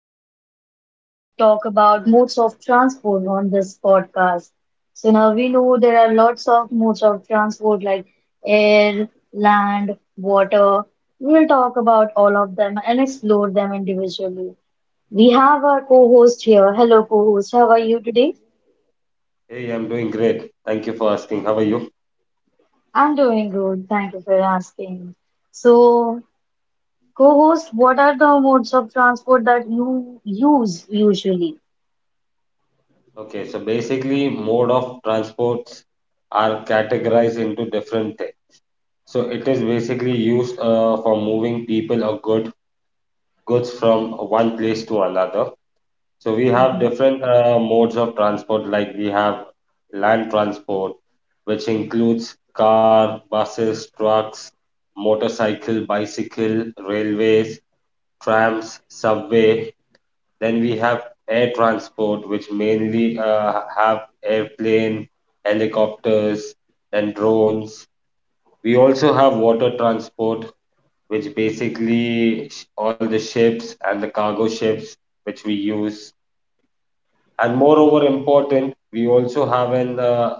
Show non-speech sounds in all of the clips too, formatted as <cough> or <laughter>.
are going to uh, talk about modes of transport on this podcast. So now we know there are lots of modes of transport like air, land, water. We will talk about all of them and explore them individually. We have our co-host here. Hello co-host, how are you today? Hey, I'm doing great. Thank you for asking. How are you? I'm doing good. Thank you for asking. So, co-host, what are the modes of transport that you use usually? Okay, so basically, mode of transports are categorized into different things. So it is basically used for moving people or goods from one place to another. So we have different modes of transport, like we have land transport, which includes car, buses, trucks, motorcycle, bicycle, railways, trams, subway. Then we have air transport, which mainly have airplane, helicopters, then drones. We also have water transport, which basically all the ships and the cargo ships which we use. And moreover, important, we also have an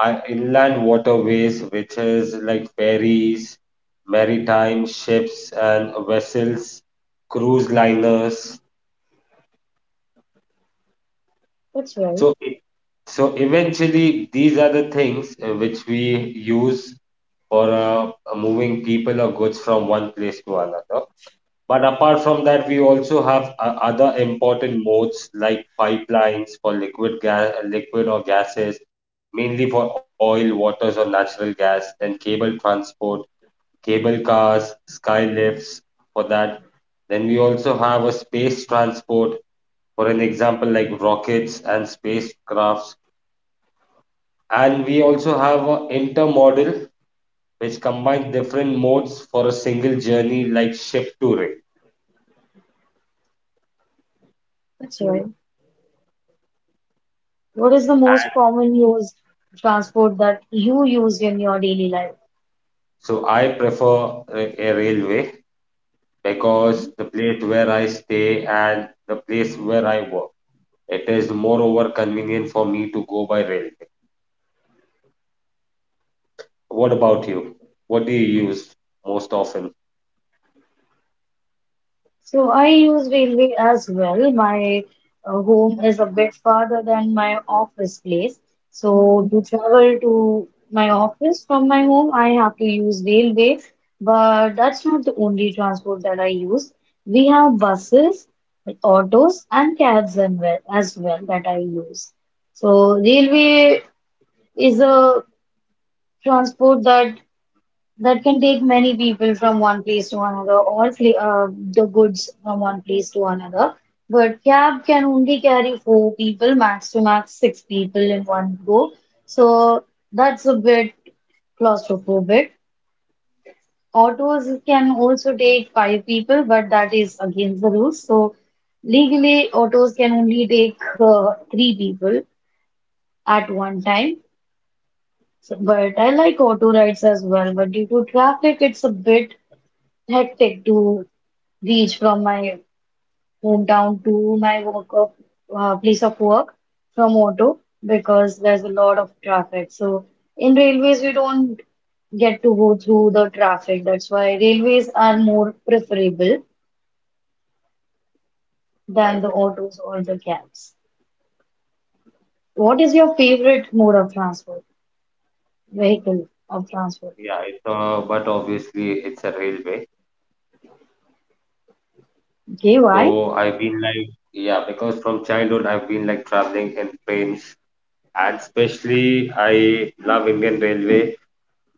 inland waterways, which is like ferries, maritime ships and vessels, cruise liners. That's right. So So eventually, these are the things which we use for moving people or goods from one place to another. But apart from that, we also have other important modes like pipelines for liquid gas, liquid or gases, mainly for oil, waters, or natural gas. Then cable transport, cable cars, sky lifts for that. Then we also have a space transport, for an example, like rockets and spacecrafts, and we also have an intermodal, which combines different modes for a single journey, like ship to rail. That's right. What is the most common used transport that you use in your daily life? So I prefer a railway Okay. because the place where I stay and the place where I work, it is moreover convenient for me to go by railway. What about you? What do you use most often? So I use railway as well. My home is a bit farther than my office place. So to travel to my office from my home, I have to use railway. But that's not the only transport that I use. We have buses, autos, and cabs and well- as well that I use. So railway is a transport that can take many people from one place to another or fl the goods from one place to another. But cab can only carry four people, max to max six people in one go. So that's a bit claustrophobic. Autos can also take five people, but that is against the rules. So legally, autos can only take three people at one time. So, but I like auto rides as well, but due to traffic, it's a bit hectic to reach from my hometown to my work of place of work from auto because there's a lot of traffic. So in railways, we don't get to go through the traffic. That's why railways are more preferable than Right. the autos or the cabs. What is your favorite mode of transport? Vehicle of transport? Yeah, it's but obviously it's a railway. Okay, So why? I've been like, yeah, because from childhood I've been like traveling in trains, especially I love Indian Railway,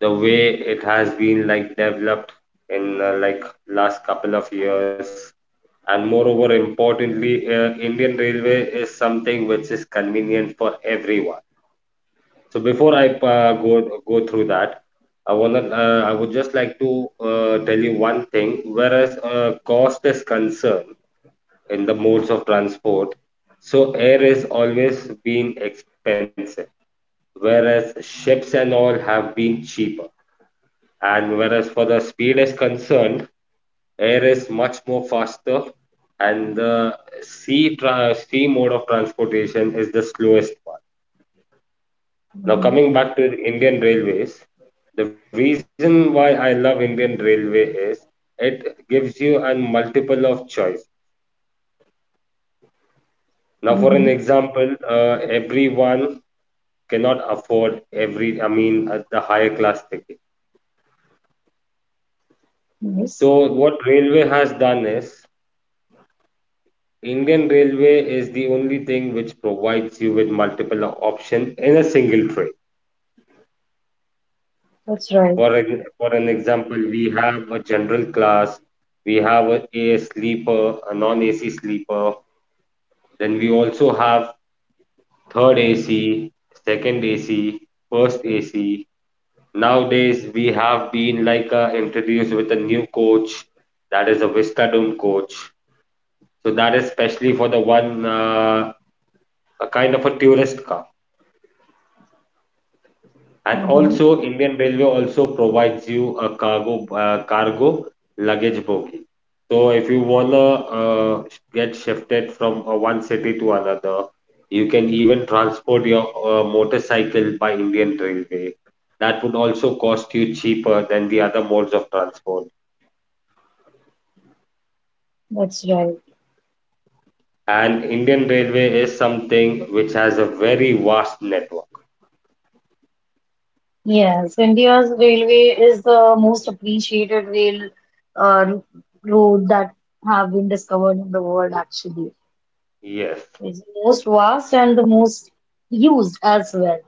the way it has been like developed in like last couple of years. And moreover, importantly, Indian Railway is something which is convenient for everyone. So before I go through that, I wanna I would just like to tell you one thing. Whereas cost is concerned in the modes of transport, so air is always been expensive, whereas ships and all have been cheaper. And whereas for the speed is concerned, air is much more faster, and the sea mode of transportation is the slowest one. Now Mm-hmm. coming back to Indian Railways, the reason why I love Indian Railway is it gives you a multiple of choice. Now, for an Mm-hmm. example, everyone cannot afford every, I mean, the higher class ticket. Yes. So what railway has done is Indian Railway is the only thing which provides you with multiple options in a single train. That's right. For an example, we have a general class, we have a sleeper, a non-AC sleeper, then we also have third AC, second AC, first AC. Nowadays, we have been like introduced with a new coach, that is a Vista Dome coach. So that is specially for the one a kind of a tourist car, and Hmm. also Indian Railway also provides you a cargo luggage bogie. So if you wanna uh, get shifted from one city to another, you can even transport your motorcycle by Indian Railway. That would also cost you cheaper than the other modes of transport. That's right. And Indian Railway is something which has a very vast network. Yes, India's railway is the most appreciated rail uh, road that have been discovered in the world, actually. Yes, It's the most vast and the most used as well.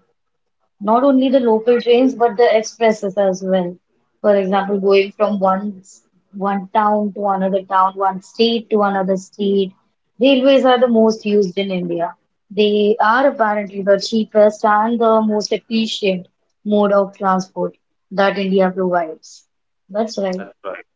Not only the local trains, but the expresses as well. For example, going from one town to another town, one state to another state. Railways are the most used in India. They are apparently the cheapest and the most efficient mode of transport that India provides. That's right. that's right.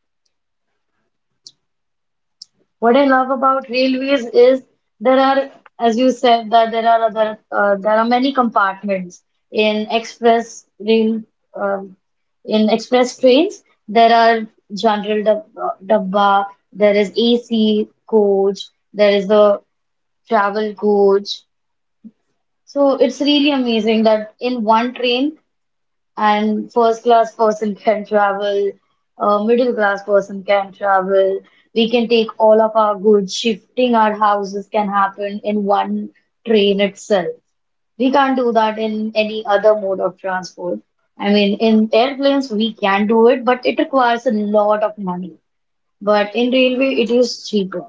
What I love about railways is there are, as you said, that there are there are many compartments in express rail, um, in express trains. There are general dab dabba, there is AC coach, there is the travel coach. So it's really amazing that in one train and first class person can travel, a middle class person can travel. We can take all of our goods. Shifting our houses can happen in one train itself. We can't do that in any other mode of transport. I mean, in airplanes, we can do it, but it requires a lot of money. But in railway, it is cheaper.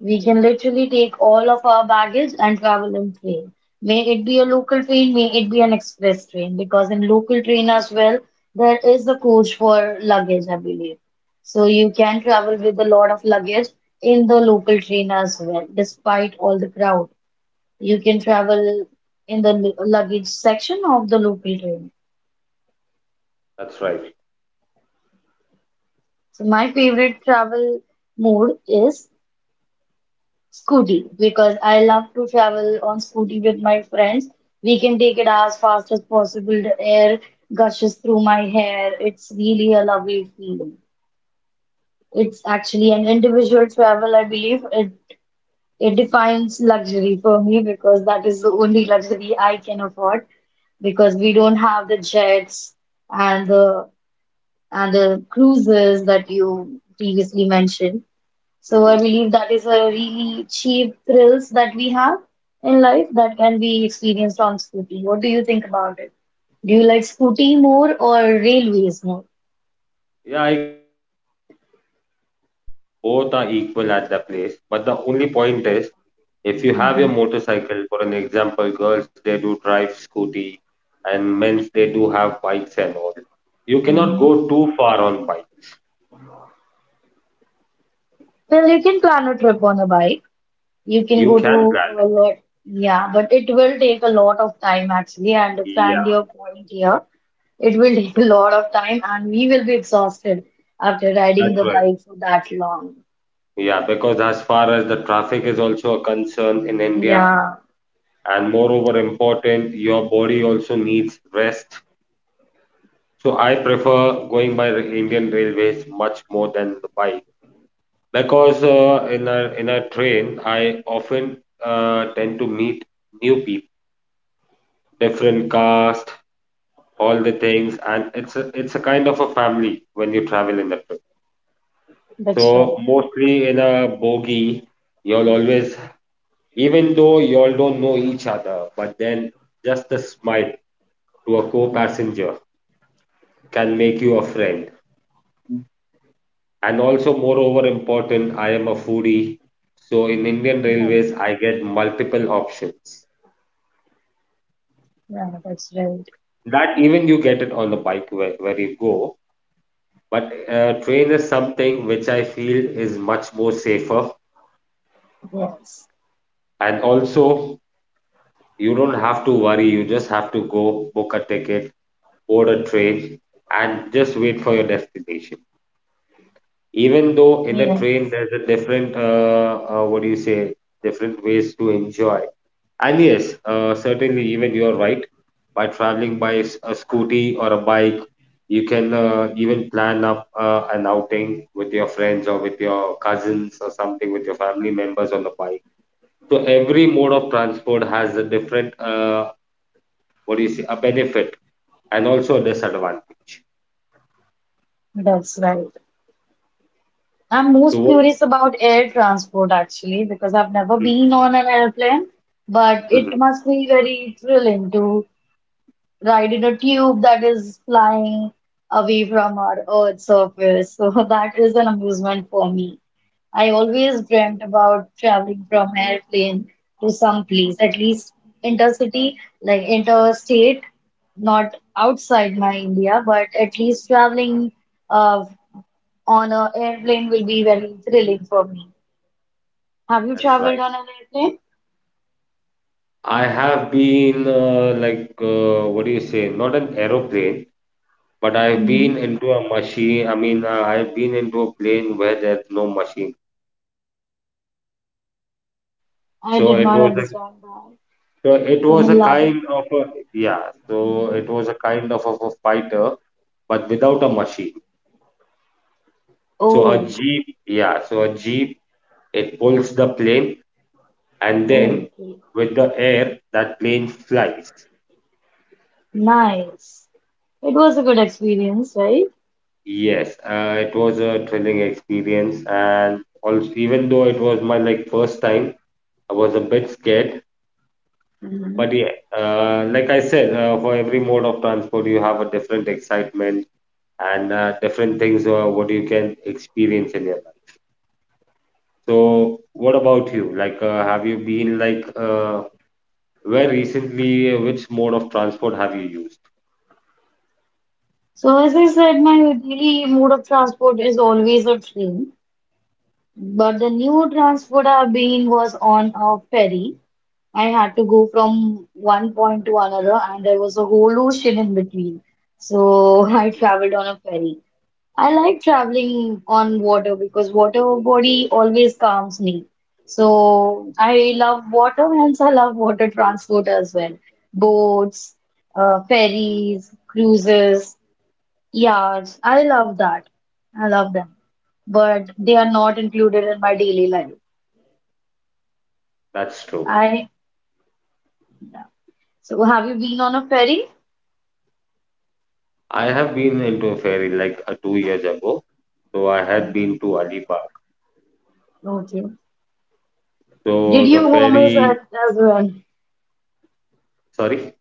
We can literally take all of our baggage and travel in train. May it be a local train, may it be an express train, because in local train as well, there is a coach for luggage, I believe. So you can travel with a lot of luggage in the local train as well, despite all the crowd. You can travel in the luggage section of the local train. That's right. So my favorite travel mode is Scooty, because I love to travel on Scooty with my friends. We can take it as fast as possible. The air gushes through my hair. It's really a lovely feeling. It's actually an individual travel, I believe. It defines luxury for me because that is the only luxury I can afford because we don't have the jets and the and the cruises that you previously mentioned. So I Mhm. believe that is a really cheap thrills that we have in life that can be experienced on Scooty. What do you think about it? Do you like Scooty more or railways more? Yeah, I guess both are equal at that place. But the only point is, if you have your motorcycle, for an example, girls they do drive scooty, and men's they do have bikes and all. You cannot go too far on bike. Well, you can plan a trip on a bike. You can You go to can plan it. a lot, yeah, but it will take a lot of time actually. I Yeah, understand your point here. It will <laughs> take a lot of time and we will be exhausted after riding that's the right. bike for that long. Yeah, because as far as the traffic is also a concern in India, Yeah, and moreover important, your body also needs rest. So I prefer going by Indian Railways much more than the bike, because in a train I often tend to meet new people, different caste, all the things, and it's a kind of a family when you travel in a train. that's So right. <laughs> mostly in a bogie, you'll always, even though y'all don't know each other, but then just a smile to a co-passenger can make you a friend. And also, moreover important, I am a foodie. So in Indian Mhm. Railways, I get multiple options. Yeah, that's right. That even you get it on the bike where you go, but train is something which I feel is much more safer, Yes. and also you don't have to worry, you just have to go book a ticket, board a train, and just wait for your destination. Even though in the Yeah, train there's a different what do you say, different ways to enjoy. And yes, certainly, even you're right. By traveling by a scooty or a bike, you can even plan up an outing with your friends or with your cousins or something with your family members on the bike. So every mode of transport has a different, what do you say, a benefit and also a disadvantage. that's right. I'm So most what? curious about air transport actually because I've never been on an airplane, but Mhm. it must be very thrilling to ride in a tube that is flying away from our Earth's surface. <laughs> So that is an amusement for me. I always dreamt about traveling from airplane to some place, at least intercity, like interstate, not outside my India, but at least traveling uh, on a airplane will be very thrilling for me. Have you That's right. traveled on an airplane? I have been like, what do you say, not an aeroplane. But I've Hmm. been into a machine. I mean, I've been into a plane where there's no machine. I So did it not was a understand that. so it Can was you a elaborate? kind of a, yeah. So it was a kind of, a fighter, but without a machine. So a Oh, jeep, yeah. So a jeep, it pulls the plane, and then okay. with the air, that plane flies. Nice. It was a good experience, right? Yes, it was a thrilling experience, and also even though it was my like first time, I was a bit scared. But yeah, like I said, for every mode of transport, you have a different excitement and different things what you can experience in your life. So, what about you? Like, have you been like where recently? Which mode of transport have you used? So, as I said, my daily mode of transport is always a train. But the new transport I've been was on a ferry. I had to go from one point to another, and there was a whole ocean in between. So <laughs> I traveled on a ferry. I like traveling on water because water body always calms me. So I love water, hence I love water transport as well. Boats, ferries, cruises. Yes, I love that. I love them, but they are not included in my daily life. That's true. I yeah. So have you been on a ferry? I have been into a ferry like 2 years ago. So I had Okay. been to Alibaug. Okay. Did So the you vomit ferry, at- as well? sorry.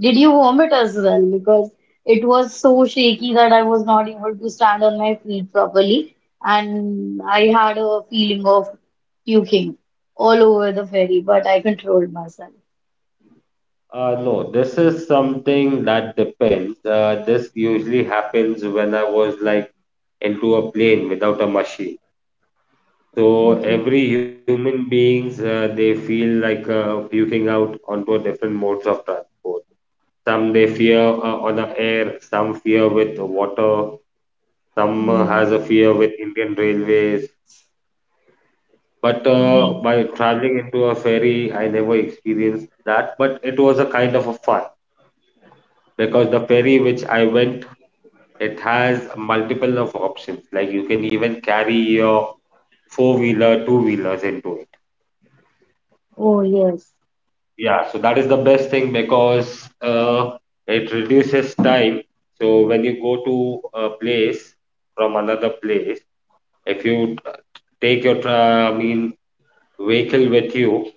Did you vomit as well? Because it was so shaky that I was not able to stand on my feet properly, and I had a feeling of puking all over the ferry, but I controlled myself. No, this is something that depends. This usually happens when I was like into a plane without a machine. So Okay. every human beings they feel like puking out onto different modes of transport. Some they fear on the air, some fear with water, some has a Mhm. fear with Indian Railways. But Mhm. by traveling into a ferry, I never experienced that. But it was a kind of a fun, because the ferry which I went, it has multiple of options. Like you can even carry your four wheeler, two wheelers into it. Oh, yes. Yeah, so that is the best thing because it reduces time. So when you go to a place from another place, if you take your I mean vehicle with you,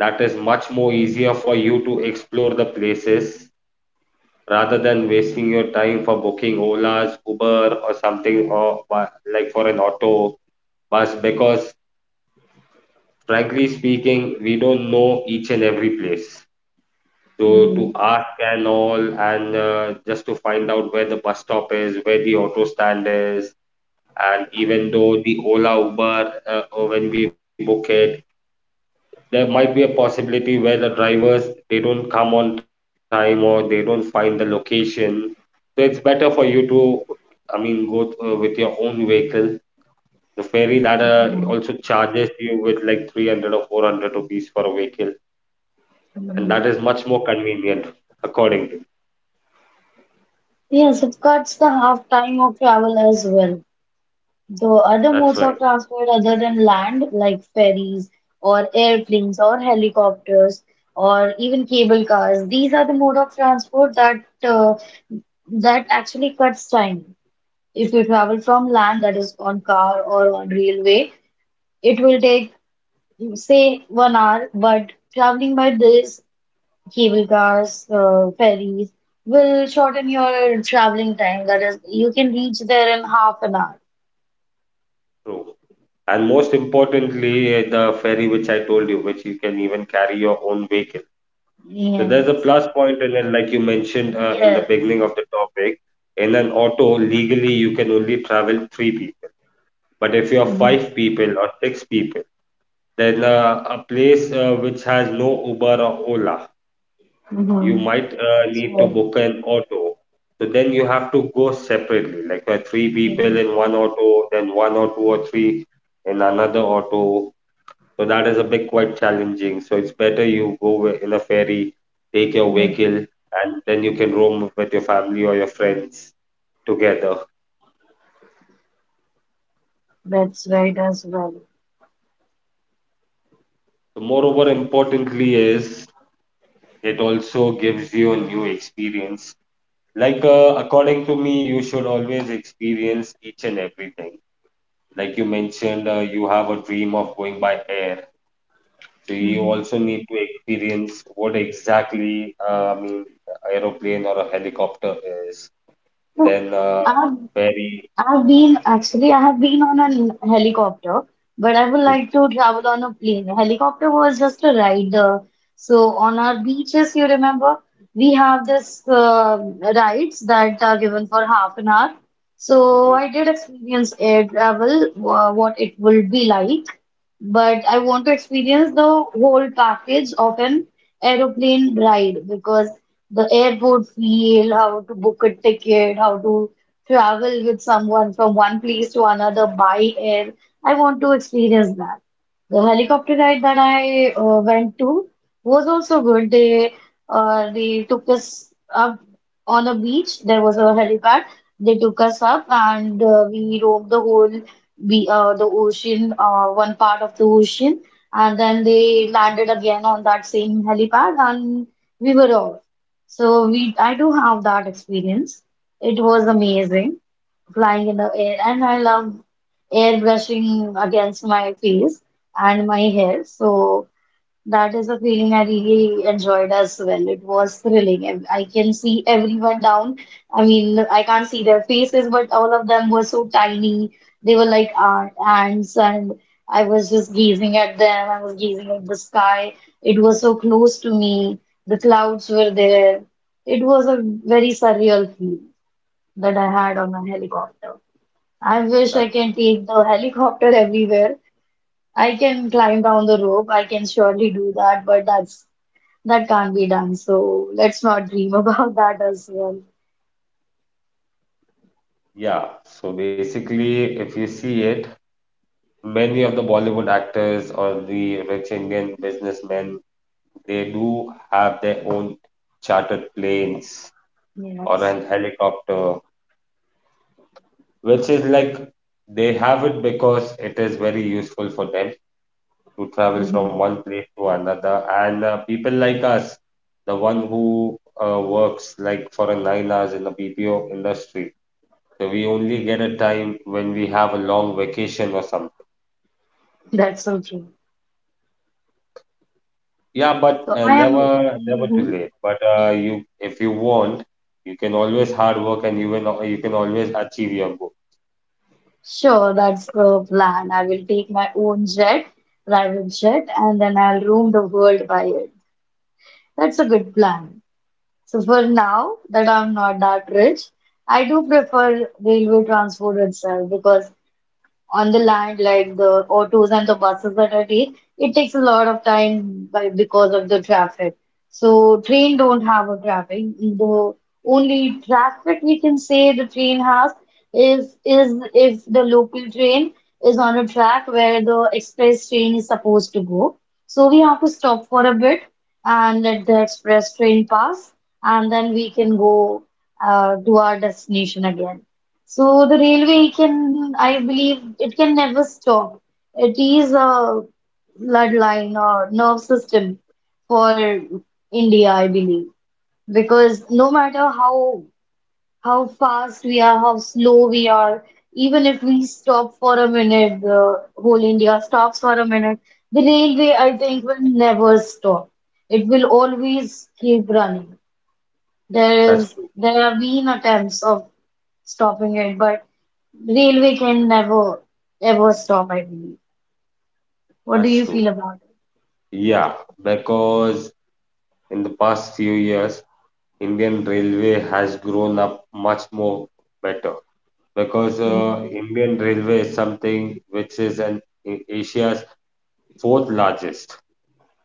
that is much more easier for you to explore the places, rather than wasting your time for booking Olas, Uber, or something, or like for an auto, was because frankly speaking we don't know each and every place, so to ask and all, and just to find out where the bus stop is, where the auto stand is. And even though the Ola, Uber, when we book it, there might be a possibility where the drivers they don't come on time or they don't find the location. So it's better for you to, I mean, go with your own vehicle. The ferry that also Mhm. charges you with like 300 or 400 rupees for a vehicle, and that is much more convenient, according to. Yes, it cuts the half time of travel as well. Though other That's modes right, of transport other than land, like ferries or airplanes or helicopters or even cable cars, these are the mode of transport uh, that actually cuts time. If you travel from land, that is on car or on railway, it will take, say, 1 hour, but traveling by this cable cars, ferries will shorten your traveling time. That is, you can reach there in half an hour. true. And most importantly, the ferry which I told you, which you can even carry your own vehicle. So there's a Yes, plus point in it, like you mentioned in the yes. beginning of the topic. In an auto, legally you can only travel 3 people. But if you are Hmm. 5 people or 6 people, then a place which has no Uber or Ola, you Hmm. might That's need to right. book an auto. So then you have to go separately, like 3 people Yes, in one auto, then one or two or three in another auto. So that is a bit quite challenging. So it's better you go in a ferry, take your yes. vehicle, and then you can roam with your family or your friends together. That's right as well. So moreover, importantly is, it also gives you a new experience. Like according to me, you should always experience each and everything. Like you mentioned, you have a dream of going by air. So you also need to experience what exactly, I mean, a aeroplane or a helicopter is. So, Then I've ferry. I've been actually I have been on a helicopter, but I would like to travel on a plane. A Helicopter was just a ride. So on our beaches, you remember, we have this rides that are given for half an hour. So I Mhm, did experience air travel, what it will be like but I want to experience the whole package of an aeroplane ride because the airport feel, how to book a ticket, how to travel with someone from one place to another by air. I want to experience that. The helicopter ride that I went to was also good. They took us up on a beach. There was a helipad. They took us up and we roamed the whole we the ocean, one part of the ocean, and then they landed again on that same helipad, and we were off. I do have that experience. It was mhm. amazing flying in the air, and I love airbrushing against my face and my hair. So. That is a feeling I really enjoyed as well. It was thrilling. And I can see everyone down. I mean, I can't see their faces, but all of them were so tiny. They were like ants, and I was just gazing at them. I was gazing at the sky. It was so close to me. The clouds were there. It was a very surreal feel that I had on a helicopter. I wish I That, can take the helicopter everywhere. I can climb down the rope. I can surely do that, but that can't be done. So let's not dream about <laughs> that as well. yeah. So basically, if you see it, many of the Bollywood actors or the rich Indian businessmen, they do have their own chartered planes or Yes. an helicopter which is like they have it because it is very useful for them to travel Mhm. from one place to another. And people like us, the one who works like for a 9 hours in the BPO industry, so we only get a time when we have a long vacation or something. That's so true. Yeah, but So I am never, never too mhm. late. But you, if you want, you can always hard work and you will, you can always achieve your goal. sure that's the plan. I will take my own jet, private jet, and then I'll roam the world by it. That's a good plan. So for now that I'm not that rich, I do prefer railway transport itself because on the land, like the autos and the buses that I take, it takes a lot of time by, because of the traffic. So train don't have a traffic. The only traffic we can say the train has is if the local train is on a track where the express train is supposed to go. So we have to stop for a bit and let the express train pass, and then we can go to our destination again. So the railway can, I believe, it can never stop. It is a bloodline or nerve system for India, I believe. Because no matter how fast we are, how slow we are, even if we stop for a minute, the whole India stops for a minute, the railway, I think, will never stop. It will always keep running. There That's is true. there have been attempts of stopping it, but railway can never ever stop, I believe. What do That's you true. feel about it? Yeah, because in the past few years Indian Railway has grown up much more better because Yeah. Indian Railway is something which is an Asia's fourth largest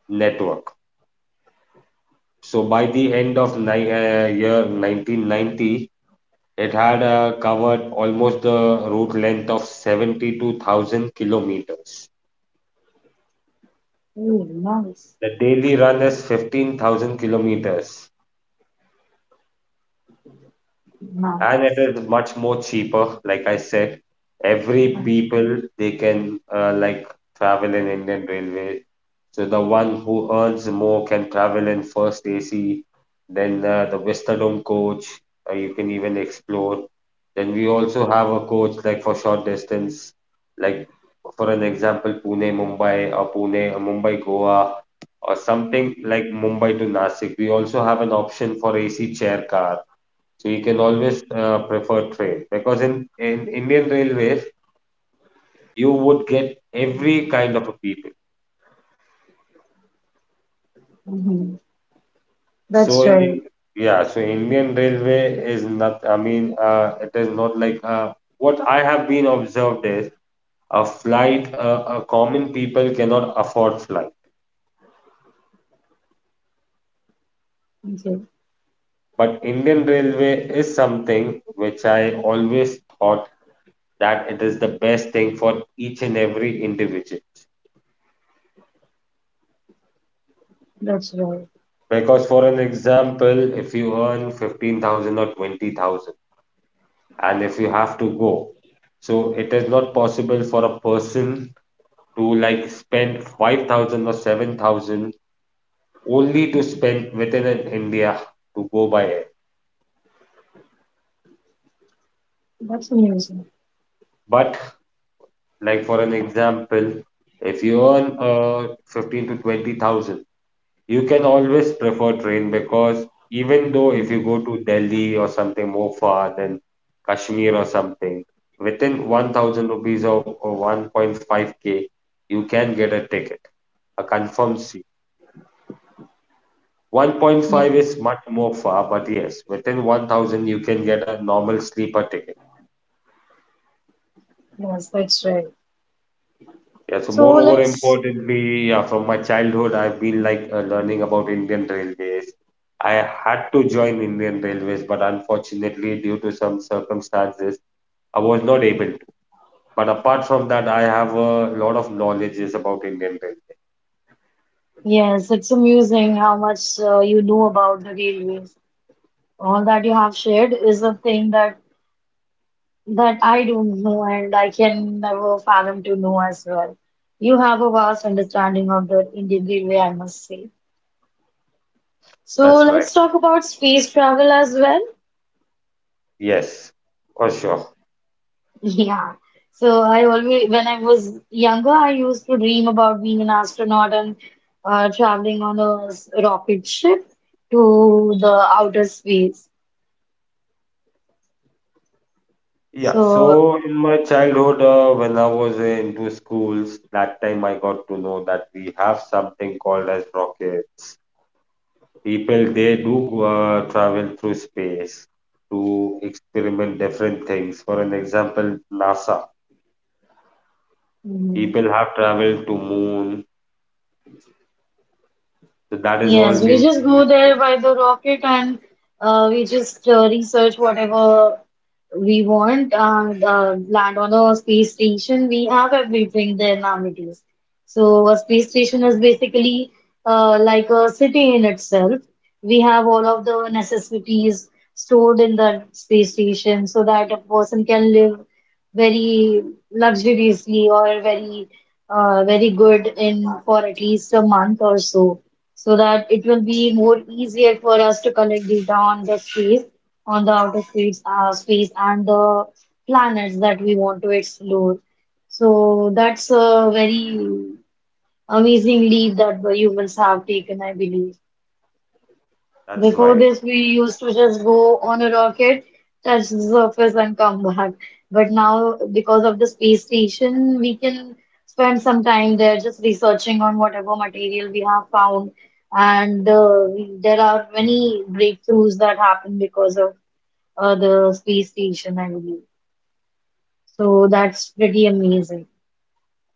network. So by the end of year 1990, it had covered almost the route length of 72,000 kilometers. Oh, nice. The daily run is 15,000 kilometers and it Nice. is much more cheaper. Like I said, every Nice. people they can like travel in Indian Railway. So the one who earns more can travel in first AC, then the Westerdome coach. You can even explore. Then we also have a coach like for short distance, like for an example, Pune Mumbai or Pune or Mumbai Goa or something like Mumbai to Nasik. We also have an option for AC chair car so you can always prefer train because in Indian Railways you would get every kind of a people. Hmm. So That's in right. in- Yeah, so Indian Railway is not. I mean, it is not like what I have been observed is a flight. A common people cannot afford flight, Okay. but Indian Railway is something which I always thought that it is the best thing for each and every individual. That's right. Because, for an example, if you earn 15,000 or 20,000, and if you have to go, so it is not possible for a person to like spend 5,000 or 7,000 only to spend within an India to go by air. That's amusing. But, like, for an example, if you earn 15 to 20,000, you can always prefer train because even though if you go to Delhi or something more far than Kashmir or something, within 1000 rupees or 1.5k, you can get a ticket, a confirmed seat. 1.5 is Yes. much more far, but yes, within 1000 you can get a normal sleeper ticket. Yes, that's right. Yeah, so So moreover, let's, importantly, yeah, from my childhood, I've been like learning about Indian Railways. I had to join Indian Railways, but unfortunately, due to some circumstances, I was not able to. But apart from that, I have a lot of knowledges about Indian Railways. yes, it's amusing how much you know about the railways. All that you have shared is a thing that that I don't know, and I can never fathom to know as well. You have a vast understanding of the Indian Railway, I must say. So That's right. let's talk about space travel as well. Yes, for sure. <laughs> Yeah. So I always, when I was younger, I used to dream about being an astronaut and traveling on a rocket ship to the outer space. Yeah, So. so in my childhood, when I was into schools, that time I got to know that we have something called as rockets. People they do go, travel through space to experiment different things. For an example, NASA. Mm. People have traveled to moon. So that is all Yes, we due just to go there by the rocket and we just research whatever we want and land on a space station. We have everything there nowadays. So a space station is basically like a city in itself. We have all of the necessities stored in that space station so that a person can live very luxuriously or very good in for at least a month or so so that it will be more easier for us to collect data on the space, on the outer space, space and the planets that we want to explore. So that's a very amazing leap that the humans have taken, I believe. that's Before right. this, we used to just go on a rocket, touch the surface, and come back. But now, because of the space station, we can spend some time there just researching on whatever material we have found. And there are many breakthroughs that happen because of the space station, I believe. So that's pretty amazing.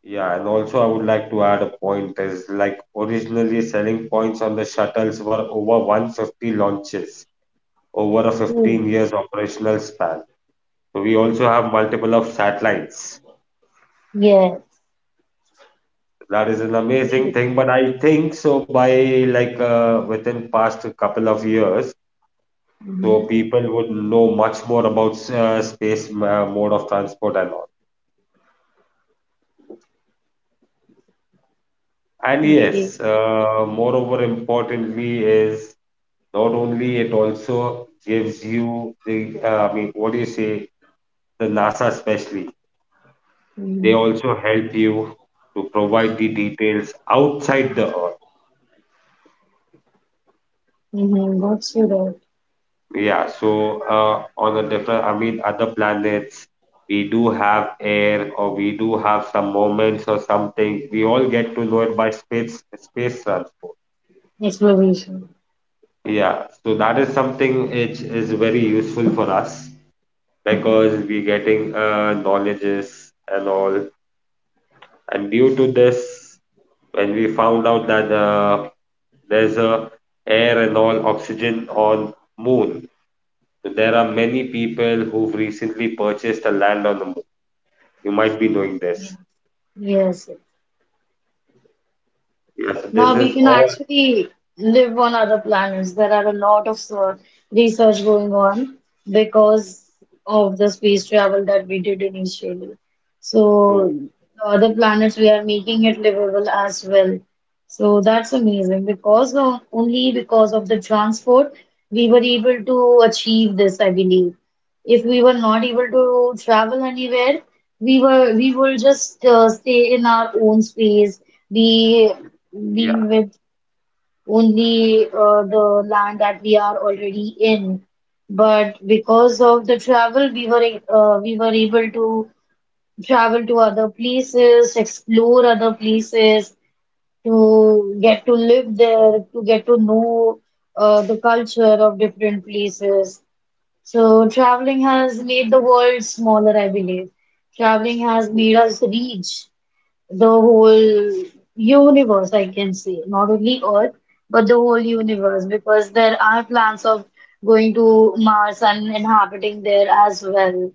Yeah, and also I would like to add a point is like originally selling points on the shuttles were over 150 launches over a 15 Oh, years operational span. So we also have multiple of satellites yes. that is an Yes. amazing thing, but I think so by like within past couple of years, so Mhm. people would know much more about space mode of transport and all. And Okay. yes, moreover importantly is not only it also gives you the I mean what do you say the NASA especially they Mm-hmm. also help you to provide the details outside the Earth. Mm-hmm. That's your Yeah, so on the different, I mean, other planets, we do have air, or we do have some moments or something. We all get to know it by space transport. exploration. Yeah, so that is something which is very useful for us because we're getting knowledges and all. And due to this, when we found out that there's a air and all oxygen on moon, so there are many people who've recently purchased a land on the moon you might be doing this. Yes, yes. Yes, this Now we is can all actually live on other planets. There are a lot of research going on because of the space travel that we did initially. So true. the other planets, we are making it livable as well. So that's amazing because of, only because of the transport we were able to achieve this, I believe. If we were not Yeah, able to travel anywhere, we will just stay in our own space, be be with only the land that we are already in. But because of the travel, we were able to travel to other places, explore other places, to get to live there, to get to know the culture of different places. So traveling has made the world smaller, I believe. Traveling has made us reach the whole universe, I can say, not only Earth, but the whole universe, because there are plans of going to Mars and inhabiting there as well.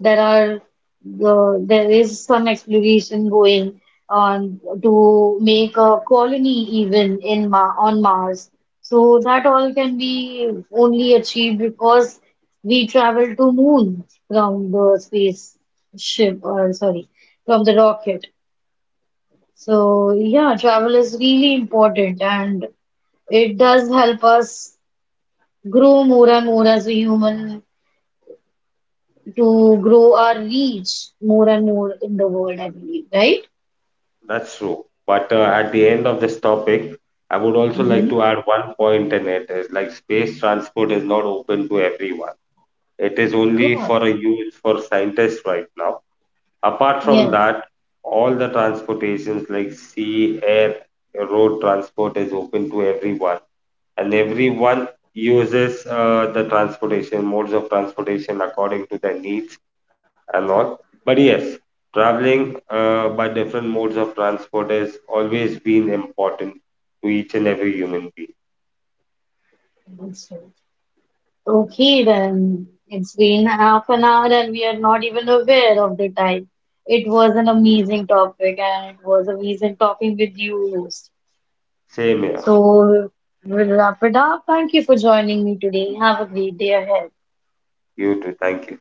There are there is some exploration going on to make a colony even in Ma on Mars. So that all can be only achieved because we travel to moon from the space ship or sorry, from the rocket. So yeah, travel is really important and it does help us grow more and more as a human, to grow our reach more and more in the world, I believe, right? that's true. But at the end of this topic, I would also like Hmm. to add one point in it is like space transport is not open to everyone. It is only Yeah, for a use for scientists right now. Apart from yes. that, all the transportations like sea, air, road transport is open to everyone, and everyone uses the transportation modes of transportation according to their need I'm not. But yes, traveling by different modes of transport has always been important to each and every human being. That's right. Okay, then it's been half an hour and we are not even aware of the time. It was an amazing topic and it was amazing talking with you. Host. Same here. So we'll wrap it up. Thank you for joining me today. Have a great day ahead. You too. Thank you.